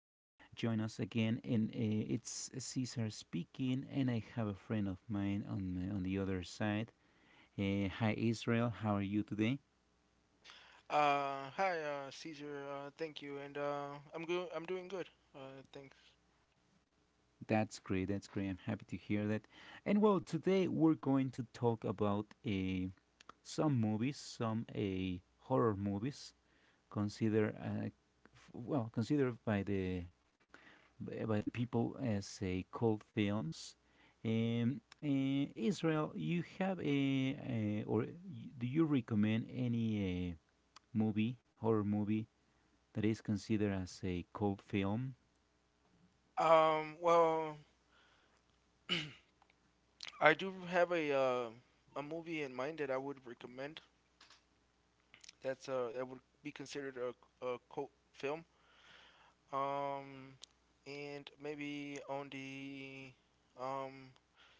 joining us again. And it's Cesar speaking, and I have a friend of mine on the other side. Hi Israel, how are you today? Hi, Caesar. Thank you, and I'm good. I'm doing good. Thanks. That's great. That's great. I'm happy to hear that. And well, today we're going to talk about some movies, some horror movies considered considered by the by the people as called films. Israel, you have a, or y- do you recommend any movie, horror movie, that is considered as a cult film? Well, I do have a movie in mind that I would recommend. That's that would be considered a cult film. Um, and maybe on the um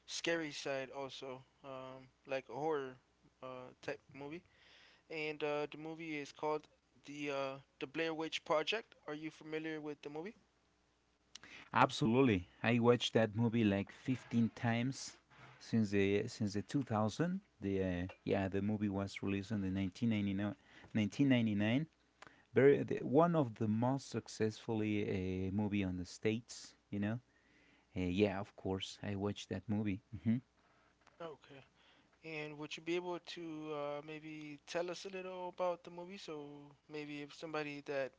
scary side also. Like a horror type movie. And the movie is called the Blair Witch Project. Are you familiar with the movie? Absolutely, I watched that movie like 15 times since the 2000. The movie was released in the 1999. 1999. One of the most successfully movie on the states. You know, yeah, of course, I watched that movie. Okay. And would you be able to maybe tell us a little about the movie? So maybe if somebody that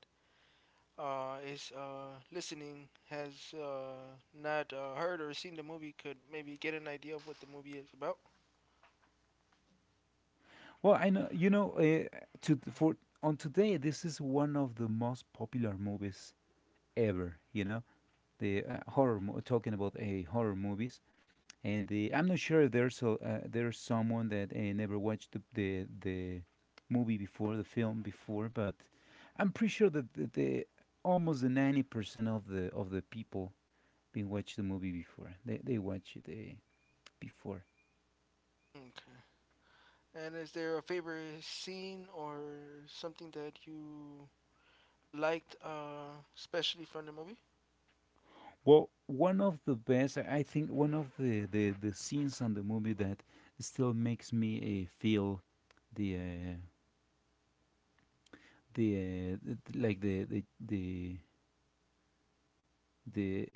is listening has not heard or seen the movie could maybe get an idea of what the movie is about. Well, I know you know to th- for on today this is one of the most popular movies ever. You know, talking about a horror movies, I'm not sure if there's someone that never watched the movie before, the film before, but I'm pretty sure that the almost the 90% of the people been watched the movie before. They watch it before. Okay. And is there a favorite scene or something that you liked, especially from the movie? Well, one of the best, I think, one of the scenes on the movie that still makes me feel the uh, the th- like the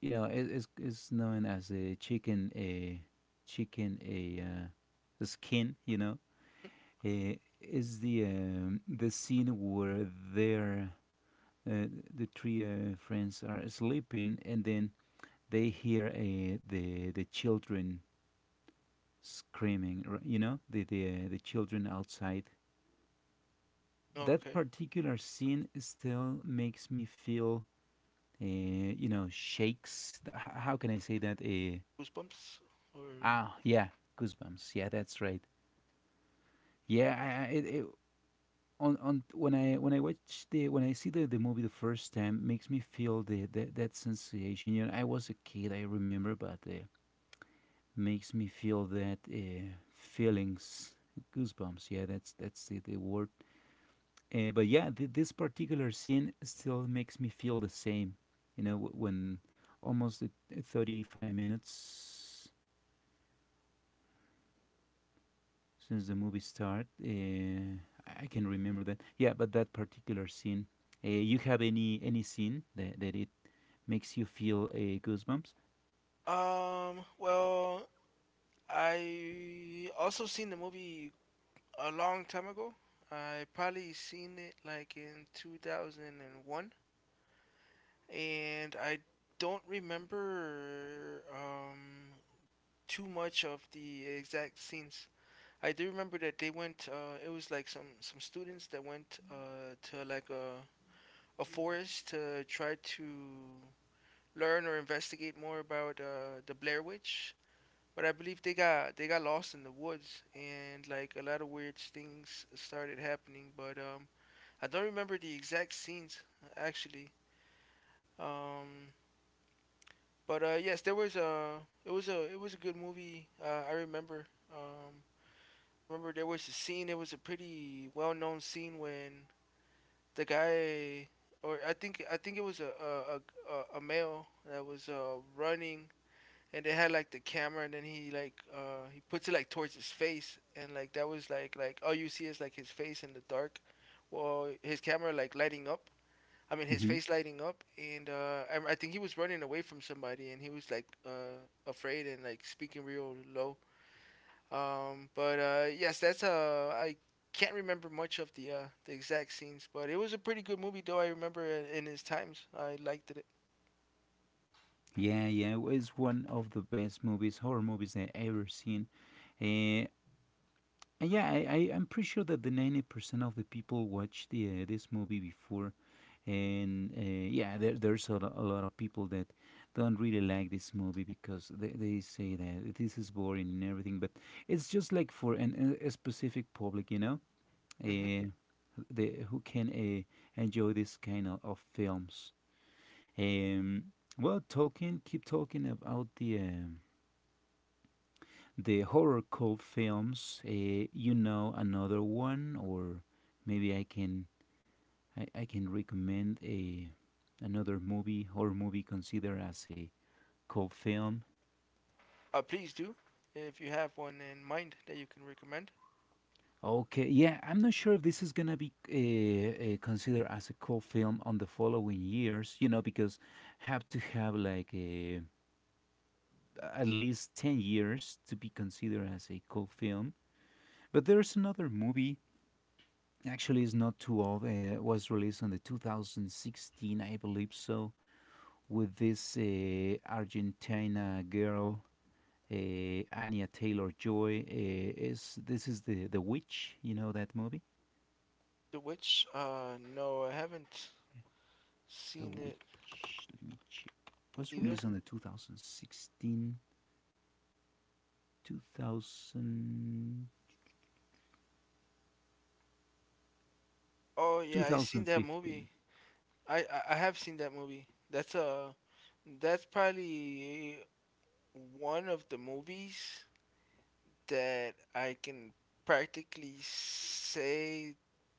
you know, it's it's known as a chicken a chicken a the skin, you know, uh, is the scene where their uh, the three friends are sleeping and then they hear the children screaming, you know, the children outside. That Okay. particular scene still makes me feel, you know, shakes. How can I say that? Goosebumps or Yeah, goosebumps. Yeah, that's right. Yeah, I- it, on when I watch the when I see the movie the first time makes me feel the that sensation. You know, I was a kid, I remember, but makes me feel that feelings, goosebumps. Yeah, the word. This particular scene still makes me feel the same. You know, when almost 35 minutes since the movie start, uh, I can remember that. Yeah, but that particular scene. You have any scene that, that it makes you feel goosebumps? Well, I also seen the movie a long time ago. I probably seen it like in 2001, and I don't remember too much of the exact scenes. I do remember that they went it was like some students that went to like a forest to try to learn or investigate more about the Blair Witch. But I believe they got lost in the woods, and like a lot of weird things started happening. But I don't remember the exact scenes actually. Um, but yes, there was a it was a it was a good movie. I remember. Um, Remember there was a scene. It was a pretty well known scene when the guy, or I think it was a male that was running, and they had like the camera, and then he like he puts it like towards his face, and like that was like all you see is like his face in the dark, well his camera like lighting up, I mean, his hmm face lighting up, and I think he was running away from somebody, and he was like afraid and like speaking real low. But yes, that's I can't remember much of the exact scenes, but it was a pretty good movie, though. I remember in his times, I liked it. Yeah, yeah, it's one of the best movies, horror movies I ever seen. Uh, yeah, I'm pretty sure that the 90% of the people watch the this movie before, and yeah, there's a lot of people that don't really like this movie because they say that this is boring and everything. But it's just like for an, a specific public, you know, hmm uh, the who can enjoy this kind of films. Um, well, keep talking about the horror cult films. You know another one, or maybe I can recommend a another movie, horror movie, considered as a cult film. Please do if you have one in mind that you can recommend. Okay, yeah, I'm not sure if this is gonna be considered as a cult film on the following years. You know, because have to have like a at least 10 years to be considered as a cult film. But there's another movie. Actually, it's not too old. It was released on the 2016, I believe so, with this Argentina girl, Anya Taylor Joy. Is the witch? You know that movie, The Witch? No, I haven't The seen it Witch. Let me check. It was either. released on the 2016, 2000 Oh two yeah, I seen thousand that fifteen. movie. I have seen that movie. That's that's probably one of the movies that I can practically say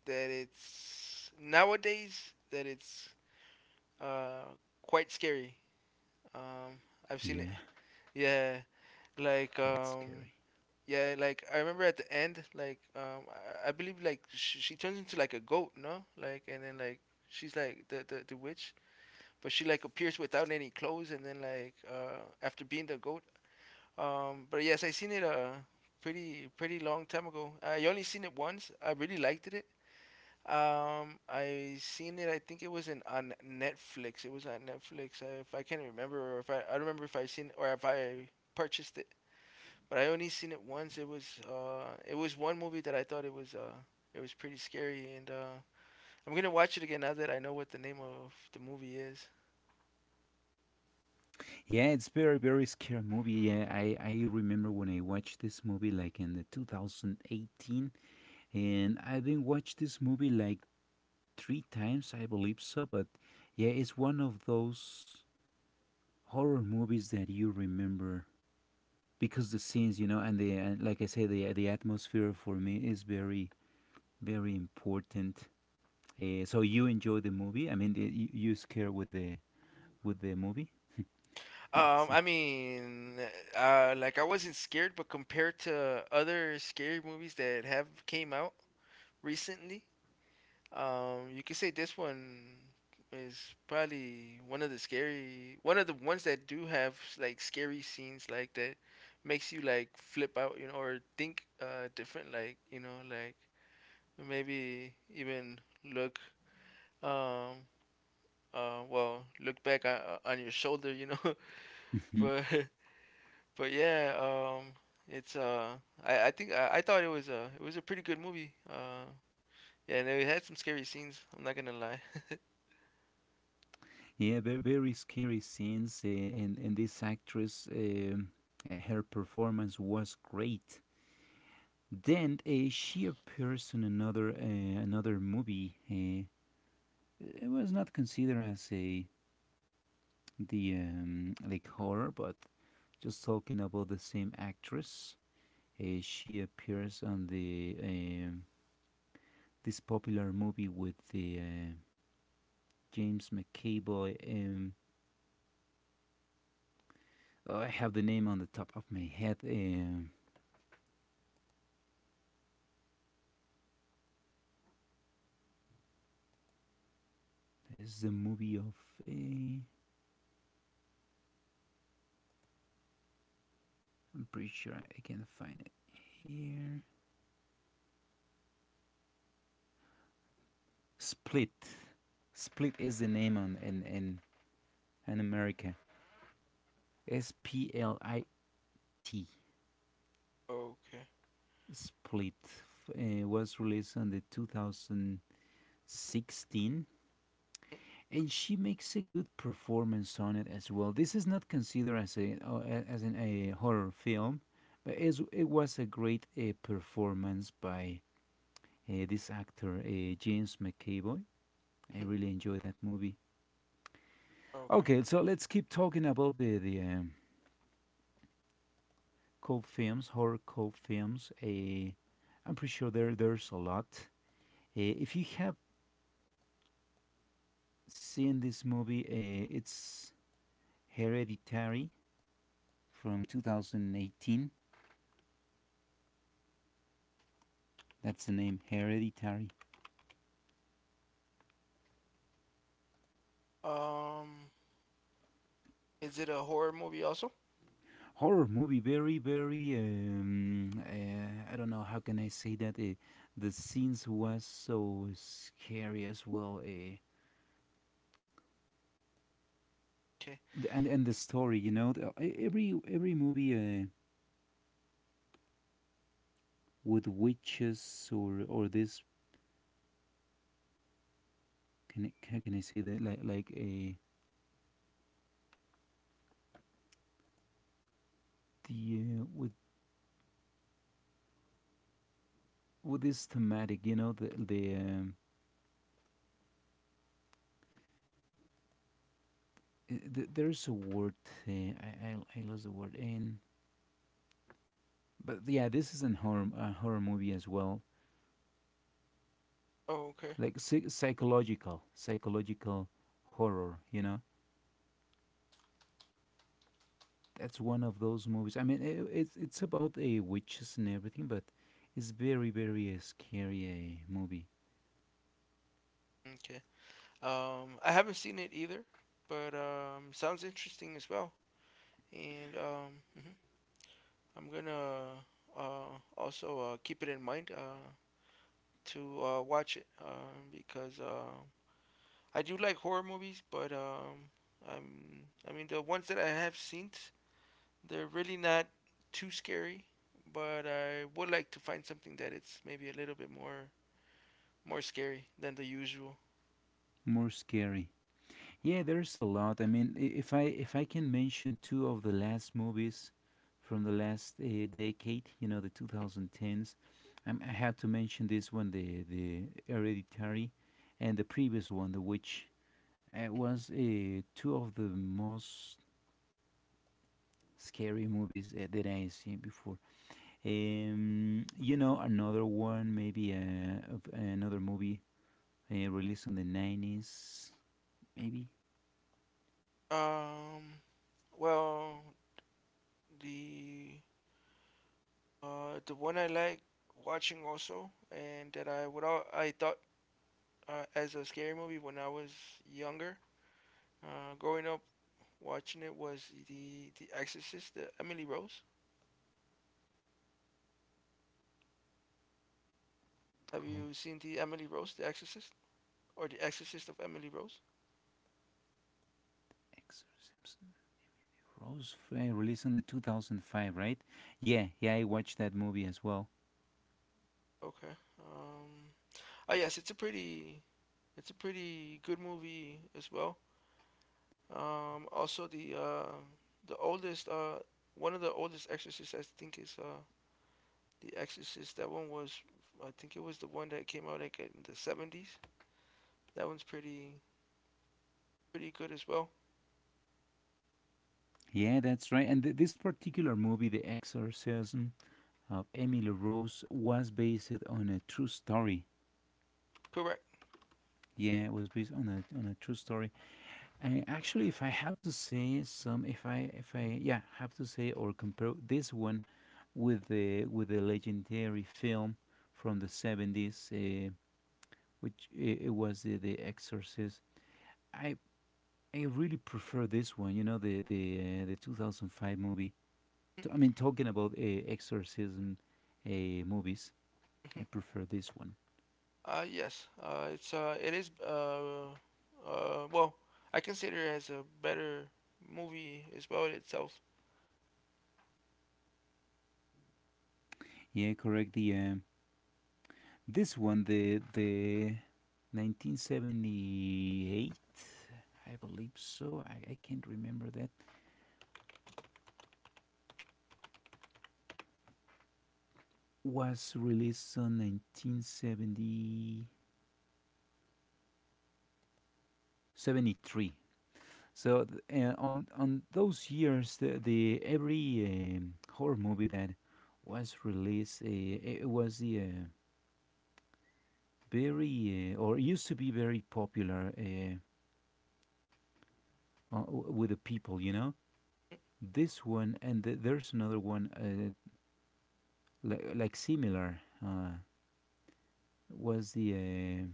that it's nowadays that it's uh quite scary. Um I've seen it. Yeah, Yeah, like quite um scary. yeah, like I remember at the end like I believe like she turns into like a goat, no? Like and then like she's like the witch, but she like appears without any clothes, and then like after being the goat. But yes, I seen it a pretty long time ago. I only seen it once. I really liked it. I seen it, I think it was in on Netflix. It was on Netflix. If I don't remember if I seen or if I purchased it, but I only seen it once. It was it was one movie that I thought it was pretty scary, and I'm gonna watch it again now that I know what the name of the movie is. Yeah, it's very, very scary movie. Yeah, I remember when I watched this movie like in the 2018, and I've been watched this movie like three times, I believe so. But yeah, it's one of those horror movies that you remember because the scenes, you know, and the and like I say, the atmosphere for me is very, very important. So you enjoy the movie? I mean, you you scare with the movie? Let's see. I mean, like I wasn't scared, but compared to other scary movies that have came out recently, you could say this one is probably one of the ones that do have like scary scenes like that makes you like flip out, you know, or think different, like you know, like maybe even look um look back on your shoulder, you know, but But yeah, it's uh, I think I thought it was a pretty good movie. Yeah, and it had some scary scenes. I'm not gonna lie. Yeah, very, very scary scenes, and this actress, her performance was great. Then she appears in another movie. It was not considered as a the like horror, but just talking about the same actress. She appears on the this popular movie with the James McAvoy. Oh, I have the name on the top of my head. There's the movie of. Eh, I'm pretty sure I can find it here. Split. Split is the name on in America. Split. Okay. Split was released on the 2016, and she makes a good performance on it as well. This is not considered as a oh, as an, a horror film, but it was a great performance by this actor, James McAvoy. I Mhm. really enjoyed that movie. Okay. Okay, so let's keep talking about the cult films, horror cult films. I'm pretty sure there's a lot. If you have seen this movie, it's Hereditary from 2018. That's the name, Hereditary. Um, is it a horror movie also? Horror movie, very, very. I don't know how can I say that. The scenes was so scary as well. Okay. And the story, you know, every movie with witches or this, how can I say that, like a the with this thematic, you know, there's a word, I lost the word in. But yeah, this is an horror, a horror movie as well, Oh, okay. Psychological, psychological horror, you know. That's one of those movies. I mean, it's about a witches and everything, but it's very very scary movie. Okay. I haven't seen it either, but sounds interesting as well. And mhm. I'm gonna also keep it in mind to watch it because I do like horror movies, but I'm I mean the ones that I have seen, they're really not too scary. But I would like to find something that it's maybe a little bit more scary than the usual. More scary. Yeah, there's a lot. I mean, I- if I if I can mention two of the last movies from the last decade, you know, the 2010s, I have to mention this one, the Hereditary, and the previous one, The Witch. It was two of the most scary movies that I seen before. You know, another one, maybe of another movie released on the 90s, maybe, Um, well, the the one I like watching also, and that I thought as a scary movie when I was younger, growing up watching it, was the Exorcist, the Emily Rose. Have called you seen the Emily Rose, The Exorcist, or The Exorcist of Emily Rose? Exorcism. Rose, released on the 2005, right? Yeah, yeah, I watched that movie as well. Okay. Um. Oh yes, it's a pretty good movie as well. Also the oldest one of the oldest Exorcists I think is The Exorcist. That one was, I think it was the one that came out like in the seventies. That one's pretty, pretty good as well. Yeah, that's right. And this particular movie, The Exorcism of Emily Rose, was based on a true story. Correct. Yeah, it was based on a true story. And actually, if I have to say some, if I have to say or compare this one with the legendary film from the 70s, which it was the Exorcist. I I really prefer this one. You know the 2005 movie. I mean, talking about exorcism movies, I hmm prefer this one. It is well, I consider it as a better movie as well in itself. Yeah, correct. The This one the 1978, I believe so. I can't remember that. Was released on 1970. 73. So on those years, the every horror movie that was released, it was the very or used to be very popular uh, with the people. You know, this one and there's another one like similar. Uh, was the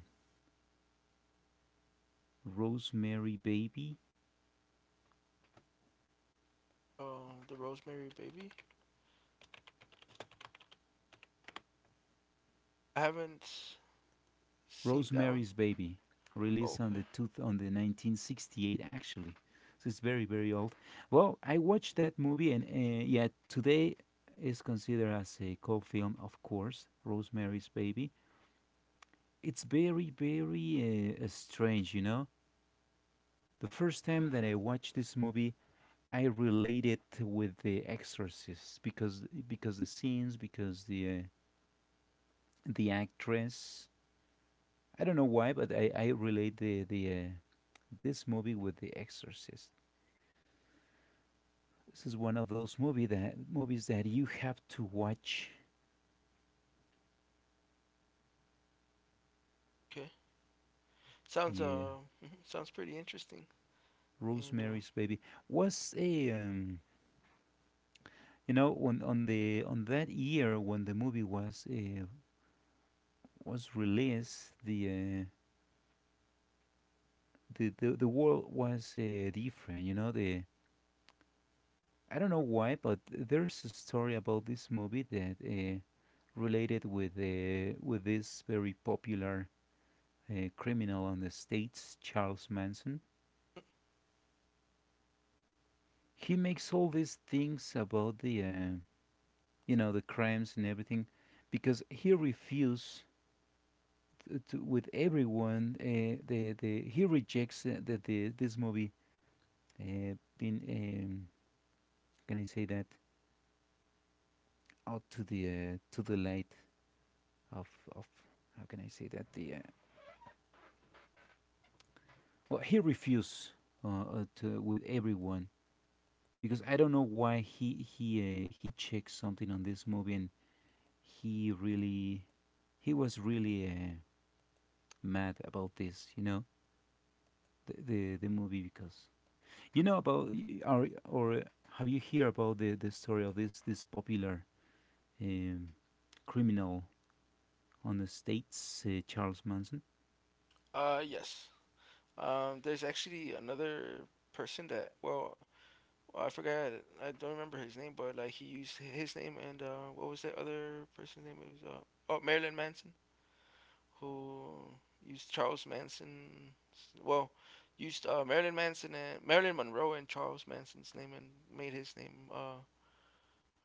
Rosemary Baby? The Rosemary Baby. I haven't seen that one. Rosemary's Baby, Oh, released on Okay, the 1968 actually. So it's very very old. Well, I watched that movie and yeah, today is considered as a cult film, of course. Rosemary's Baby. It's very very strange, you know. The first time that I watched this movie, I related with The Exorcist because the scenes, because the actress. I don't know why, but I relate the this movie with The Exorcist. This is one of those movies that you have to watch. okay. Sounds The mhm, sounds pretty interesting. And Rosemary's Baby was a you know, on the on that year when the movie was released, the world was different. You know the I don't know why, but there's a story about this movie that related with this very popular criminal on the states, Charles Manson. He makes all these things about the you know, the crimes and everything because he refuses to, with everyone the he rejects the this movie being can I say that out to the light of of how can I say that the well, he refuses to with everyone because I don't know why he checks something on this movie and he really he was really mad about this, you know, the movie because you know about or have you heard about the story of this popular um, criminal on the states, Charles Manson, yes. There's actually another person that, well, I forgot. I don't remember his name, but like he used his name, and what was that other person's name? It was oh, Marilyn Manson. Who used Charles Manson. Well, used Marilyn Manson and Marilyn Monroe and Charles Manson's name and made his name.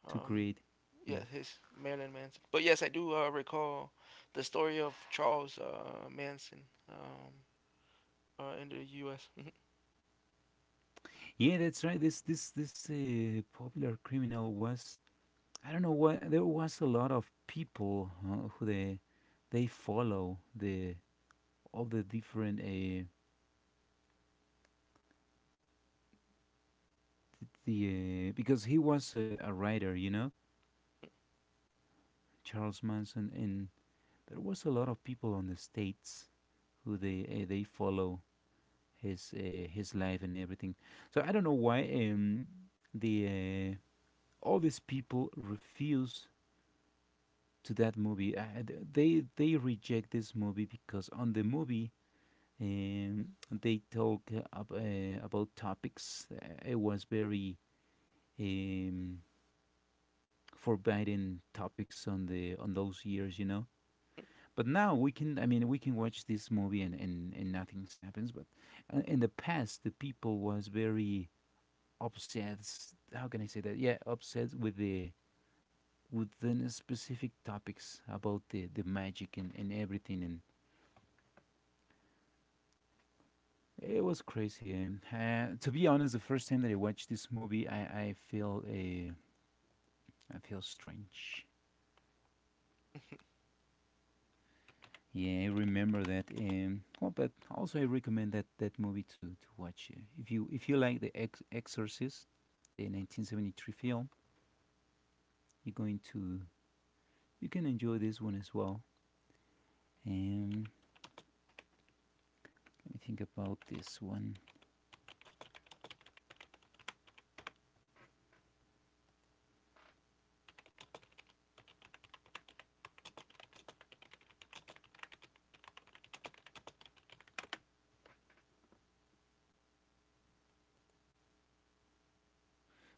to um, create? Yeah, yeah, his Marilyn Manson. But yes, I do recall the story of Charles Manson, um, in the U.S. yeah, that's right. This popular criminal was, I don't know what. There was a lot of people who they follow the all the different the because he was a writer, you know, Charles Manson, and there was a lot of people on the states who they follow his life and everything. So I don't know why the all these people refuse to that movie. They reject this movie because on the movie um, they talk about topics. It was very um, forbidden topics on the on those years, you know. But now we can, I mean, we can watch this movie and, and nothing happens. But in the past, the people was very obsessed. How can I say that? Yeah, obsessed with the within specific topics about the magic and everything. And it was crazy. To be honest, the first time that I watched this movie, I feel a I feel strange. Yeah, I remember that. Well, but also I recommend that movie to watch. If you if you like the Exorcist, the 1973 film, you're going to you can enjoy this one as well. Um, Let me think about this one.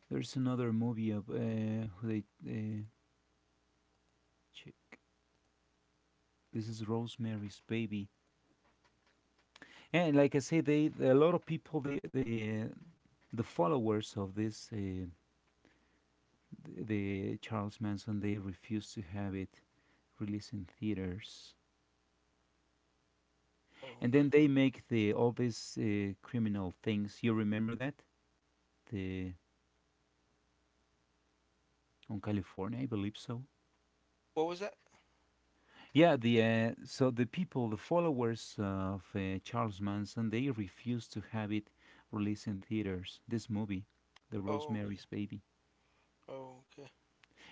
There's another movie of who they check. This is Rosemary's Baby, and like I say, they a lot of people they the followers of the Charles Manson, they refused to have it released in theaters. And then they Okay. make the all these criminal things. You remember that? The on California, I believe so. What was that? Yeah, the so the people, the followers of Charles Manson, they refused to have it released in theaters. This movie, The Oh, Rosemary's Baby, okay. Oh, okay.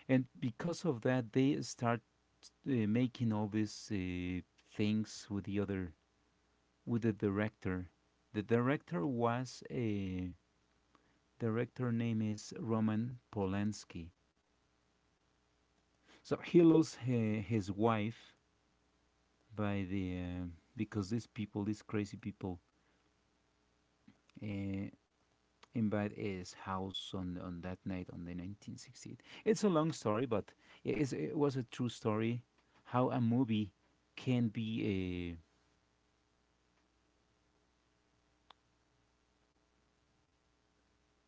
and because of that, they start making all these things with the other with the director. The director was a director name is Roman Polanski. So he lost his wife by the because these people, these crazy people, uh, invade his house on that night on the 1968. It's a long story, but it was a true story. How a movie can be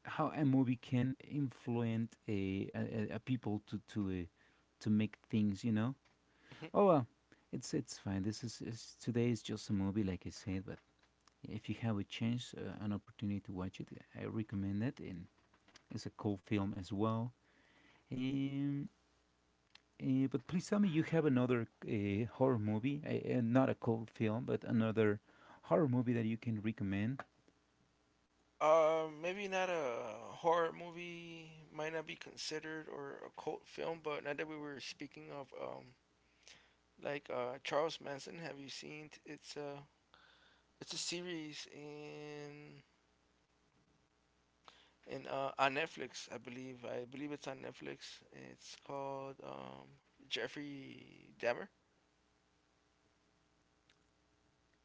a how a movie can influence a people to make things, you know. Mhm. Oh, well, it's fine. This is today is just a movie, like I said. But if you have a chance, an opportunity to watch it, I recommend it. And it's a cool film as well. Um, but please tell me you have another horror movie, not a cold film, but another horror movie that you can recommend. Maybe not a horror movie, might not be considered or a cult film, but now that we were speaking of like Charles Manson. Have you seen? It's a series in on Netflix, I believe. I believe it's on Netflix. It's called Jeffrey Dahmer.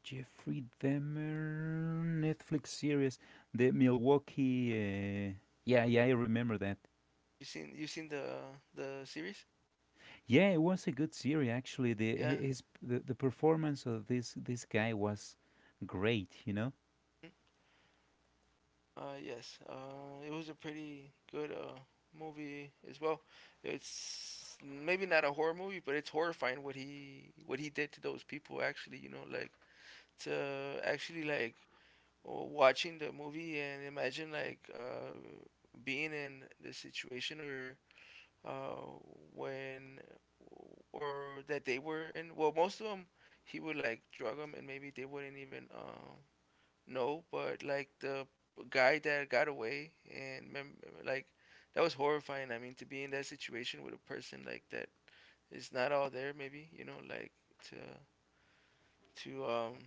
Jeffrey Dahmer Netflix series, The Milwaukee. Yeah, I remember that. You seen the series? Yeah, it was a good series, actually. The Yeah. The performance of this guy was great, you know. Mm. Yes. It was a pretty good movie as well. It's maybe not a horror movie, but it's horrifying what he did to those people. Actually, you know, like to actually like or watching the movie and imagine like being in the situation or uh, when or that they were in. Well, most of them he would like drug them, and maybe they wouldn't even know. But like the guy that got away and like that was horrifying. I mean, to be in that situation with a person like that is not all there. Maybe you know like to to um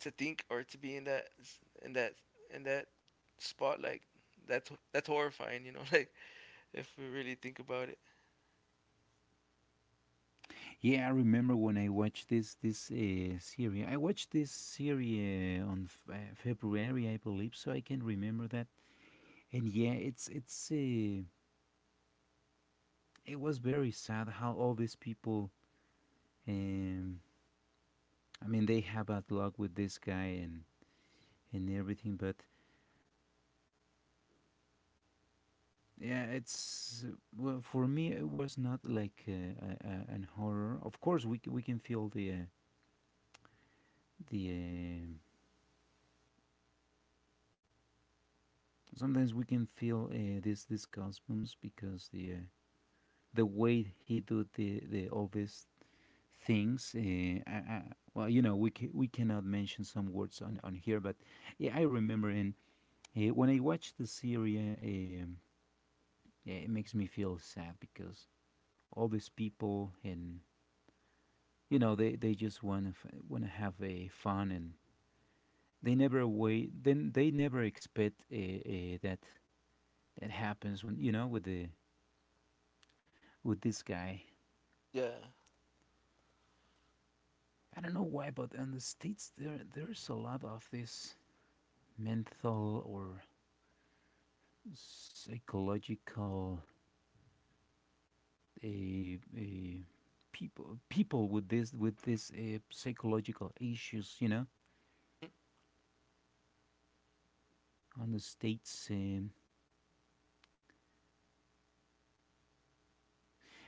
to think or to be in in that that spot, like that's horrifying, you know. Like if we really think about it, Yeah, I remember when I watched this series. I watched this series on February, I believe, so I can remember that. And yeah, it's it was very sad how all these people. Um, I mean, they have bad luck with this guy and everything, but yeah, it's, well, for me it was not like an horror. Of course we, we can feel the sometimes we can feel this these costumes because the way he do the all these things well, you know, we we cannot mention some words on here. But yeah, I remember in when I watch the series um yeah, it makes me feel sad because all these people. And you know, they just want to have a fun, and they never wait, then they never expect that that happens when, you know, with the with this guy. yeah. I don't know why, but in the states there there's a lot of this mental or psychological a people people with this psychological issues, you know, on the states.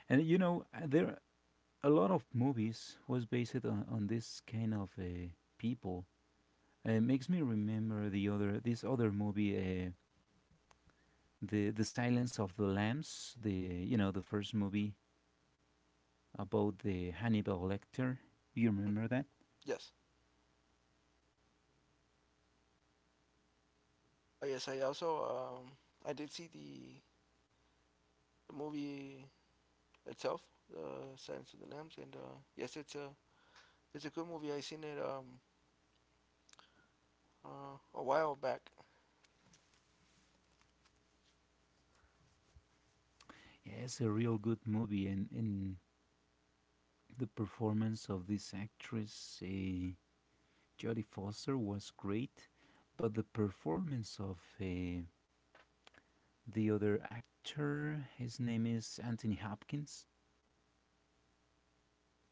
And you know, there a lot of movies was based on this kind of people. It makes me remember the other this other movie, the Silence of the Lambs. The you know the first movie about the Hannibal Lecter. You remember that? Yes, I guess I also um I did see the movie itself, uh Silence of the Lambs, and yes, it's a good movie. I seen it, a while back. Yeah, it's a real good movie, and the performance of this actress Jodie Foster was great, but the performance of the other actor, his name is Anthony Hopkins,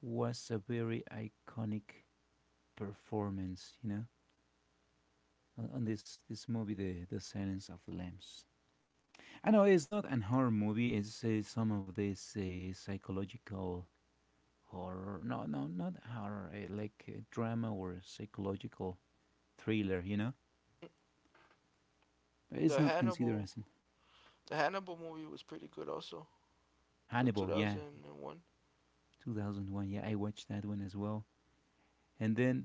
was a very iconic performance, you know, on this movie, the Silence of the Lambs. I know it's not an horror movie. It's some of this psychological horror. No, no, not horror. Like drama or psychological thriller. You know, but it's the not considered hannibal as an the hannibal movie was pretty good also, the Hannibal. Yeah, 2001. 2001. Yeah, I watched that one as well. And then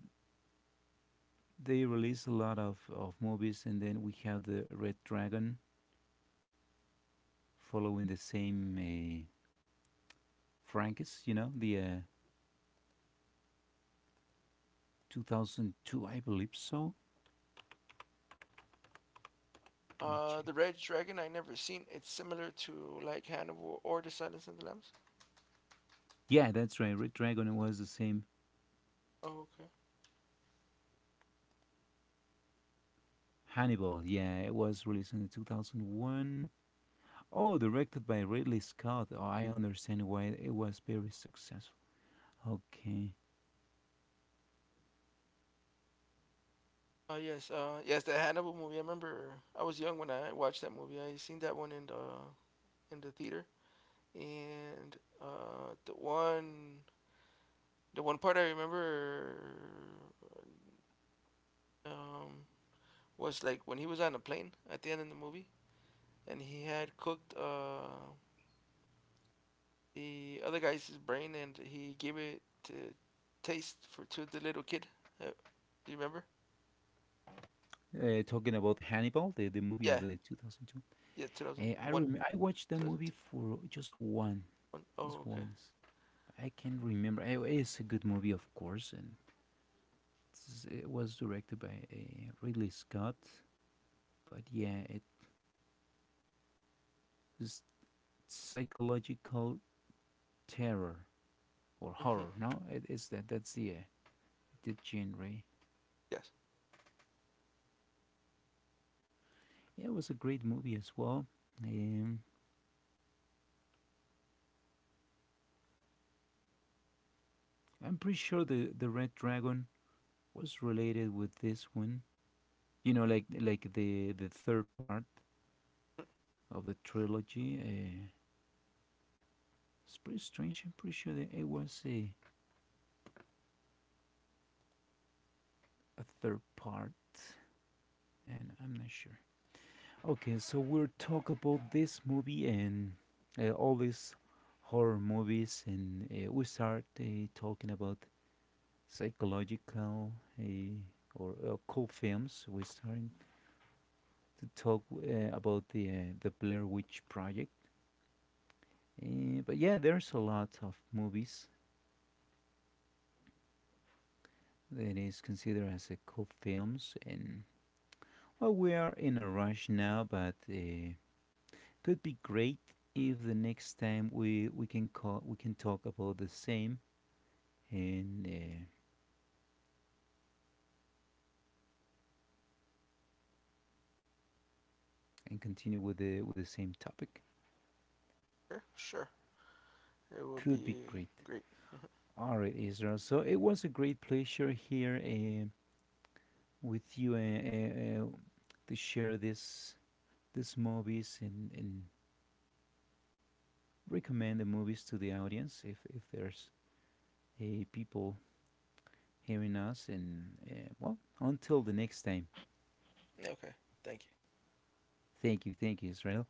they released a lot of movies. And then we have the Red Dragon, following the same Francis, you know, the 2002, I believe so. Let me check. The Red Dragon I never seen. It's similar to like Hannibal or The Silence of the Lambs. Yeah, that's right. Red Dragon was the same. Oh, okay. Hannibal, yeah, it was released in 2001. Oh, directed by Ridley Scott. Oh, I understand why it was very successful. Okay. Yes, the Hannibal movie. I remember I was young when I watched that movie. I seen that one in the theater, and uh, the one the one part I remember um was like when he was on a plane at the end of the movie, and he had cooked the other guy's his brain, and he gave it to taste for to the little kid. Uh, do you remember? Talking about Hannibal, the movie of Yeah, the 2002. yeah, I 2001, I watched the movie 2002. for just just Oh, okay. once. I can't remember. It's a good movie, of course, and it was directed by Ridley Scott. But yeah, it's psychological terror or hmm horror. No, it is that. That's the genre. Yes. Yeah, it was a great movie as well. Um, I'm pretty sure the Red Dragon was related with this one. You know, like the third part of the trilogy. It's pretty strange. I'm pretty sure that it was a third part, and I'm not sure. Okay, so we'll talk about this movie and all these horror movies, and we start talking about psychological uh, or cool films. We're starting to talk about the Blair Witch Project, but yeah, there's a lot of movies that is considered as a cool films, and well, we are in a rush now, but could be great if the next time we can call we can talk about the same and uh, and continue with the same topic. Sure, sure. It will Could be be great. great. All right, Israel. So it was a great pleasure here with you to share this these movies and recommend the movies to the audience if there's a people hearing us. And well, until the next time. Okay. Thank you. Thank you, Israel.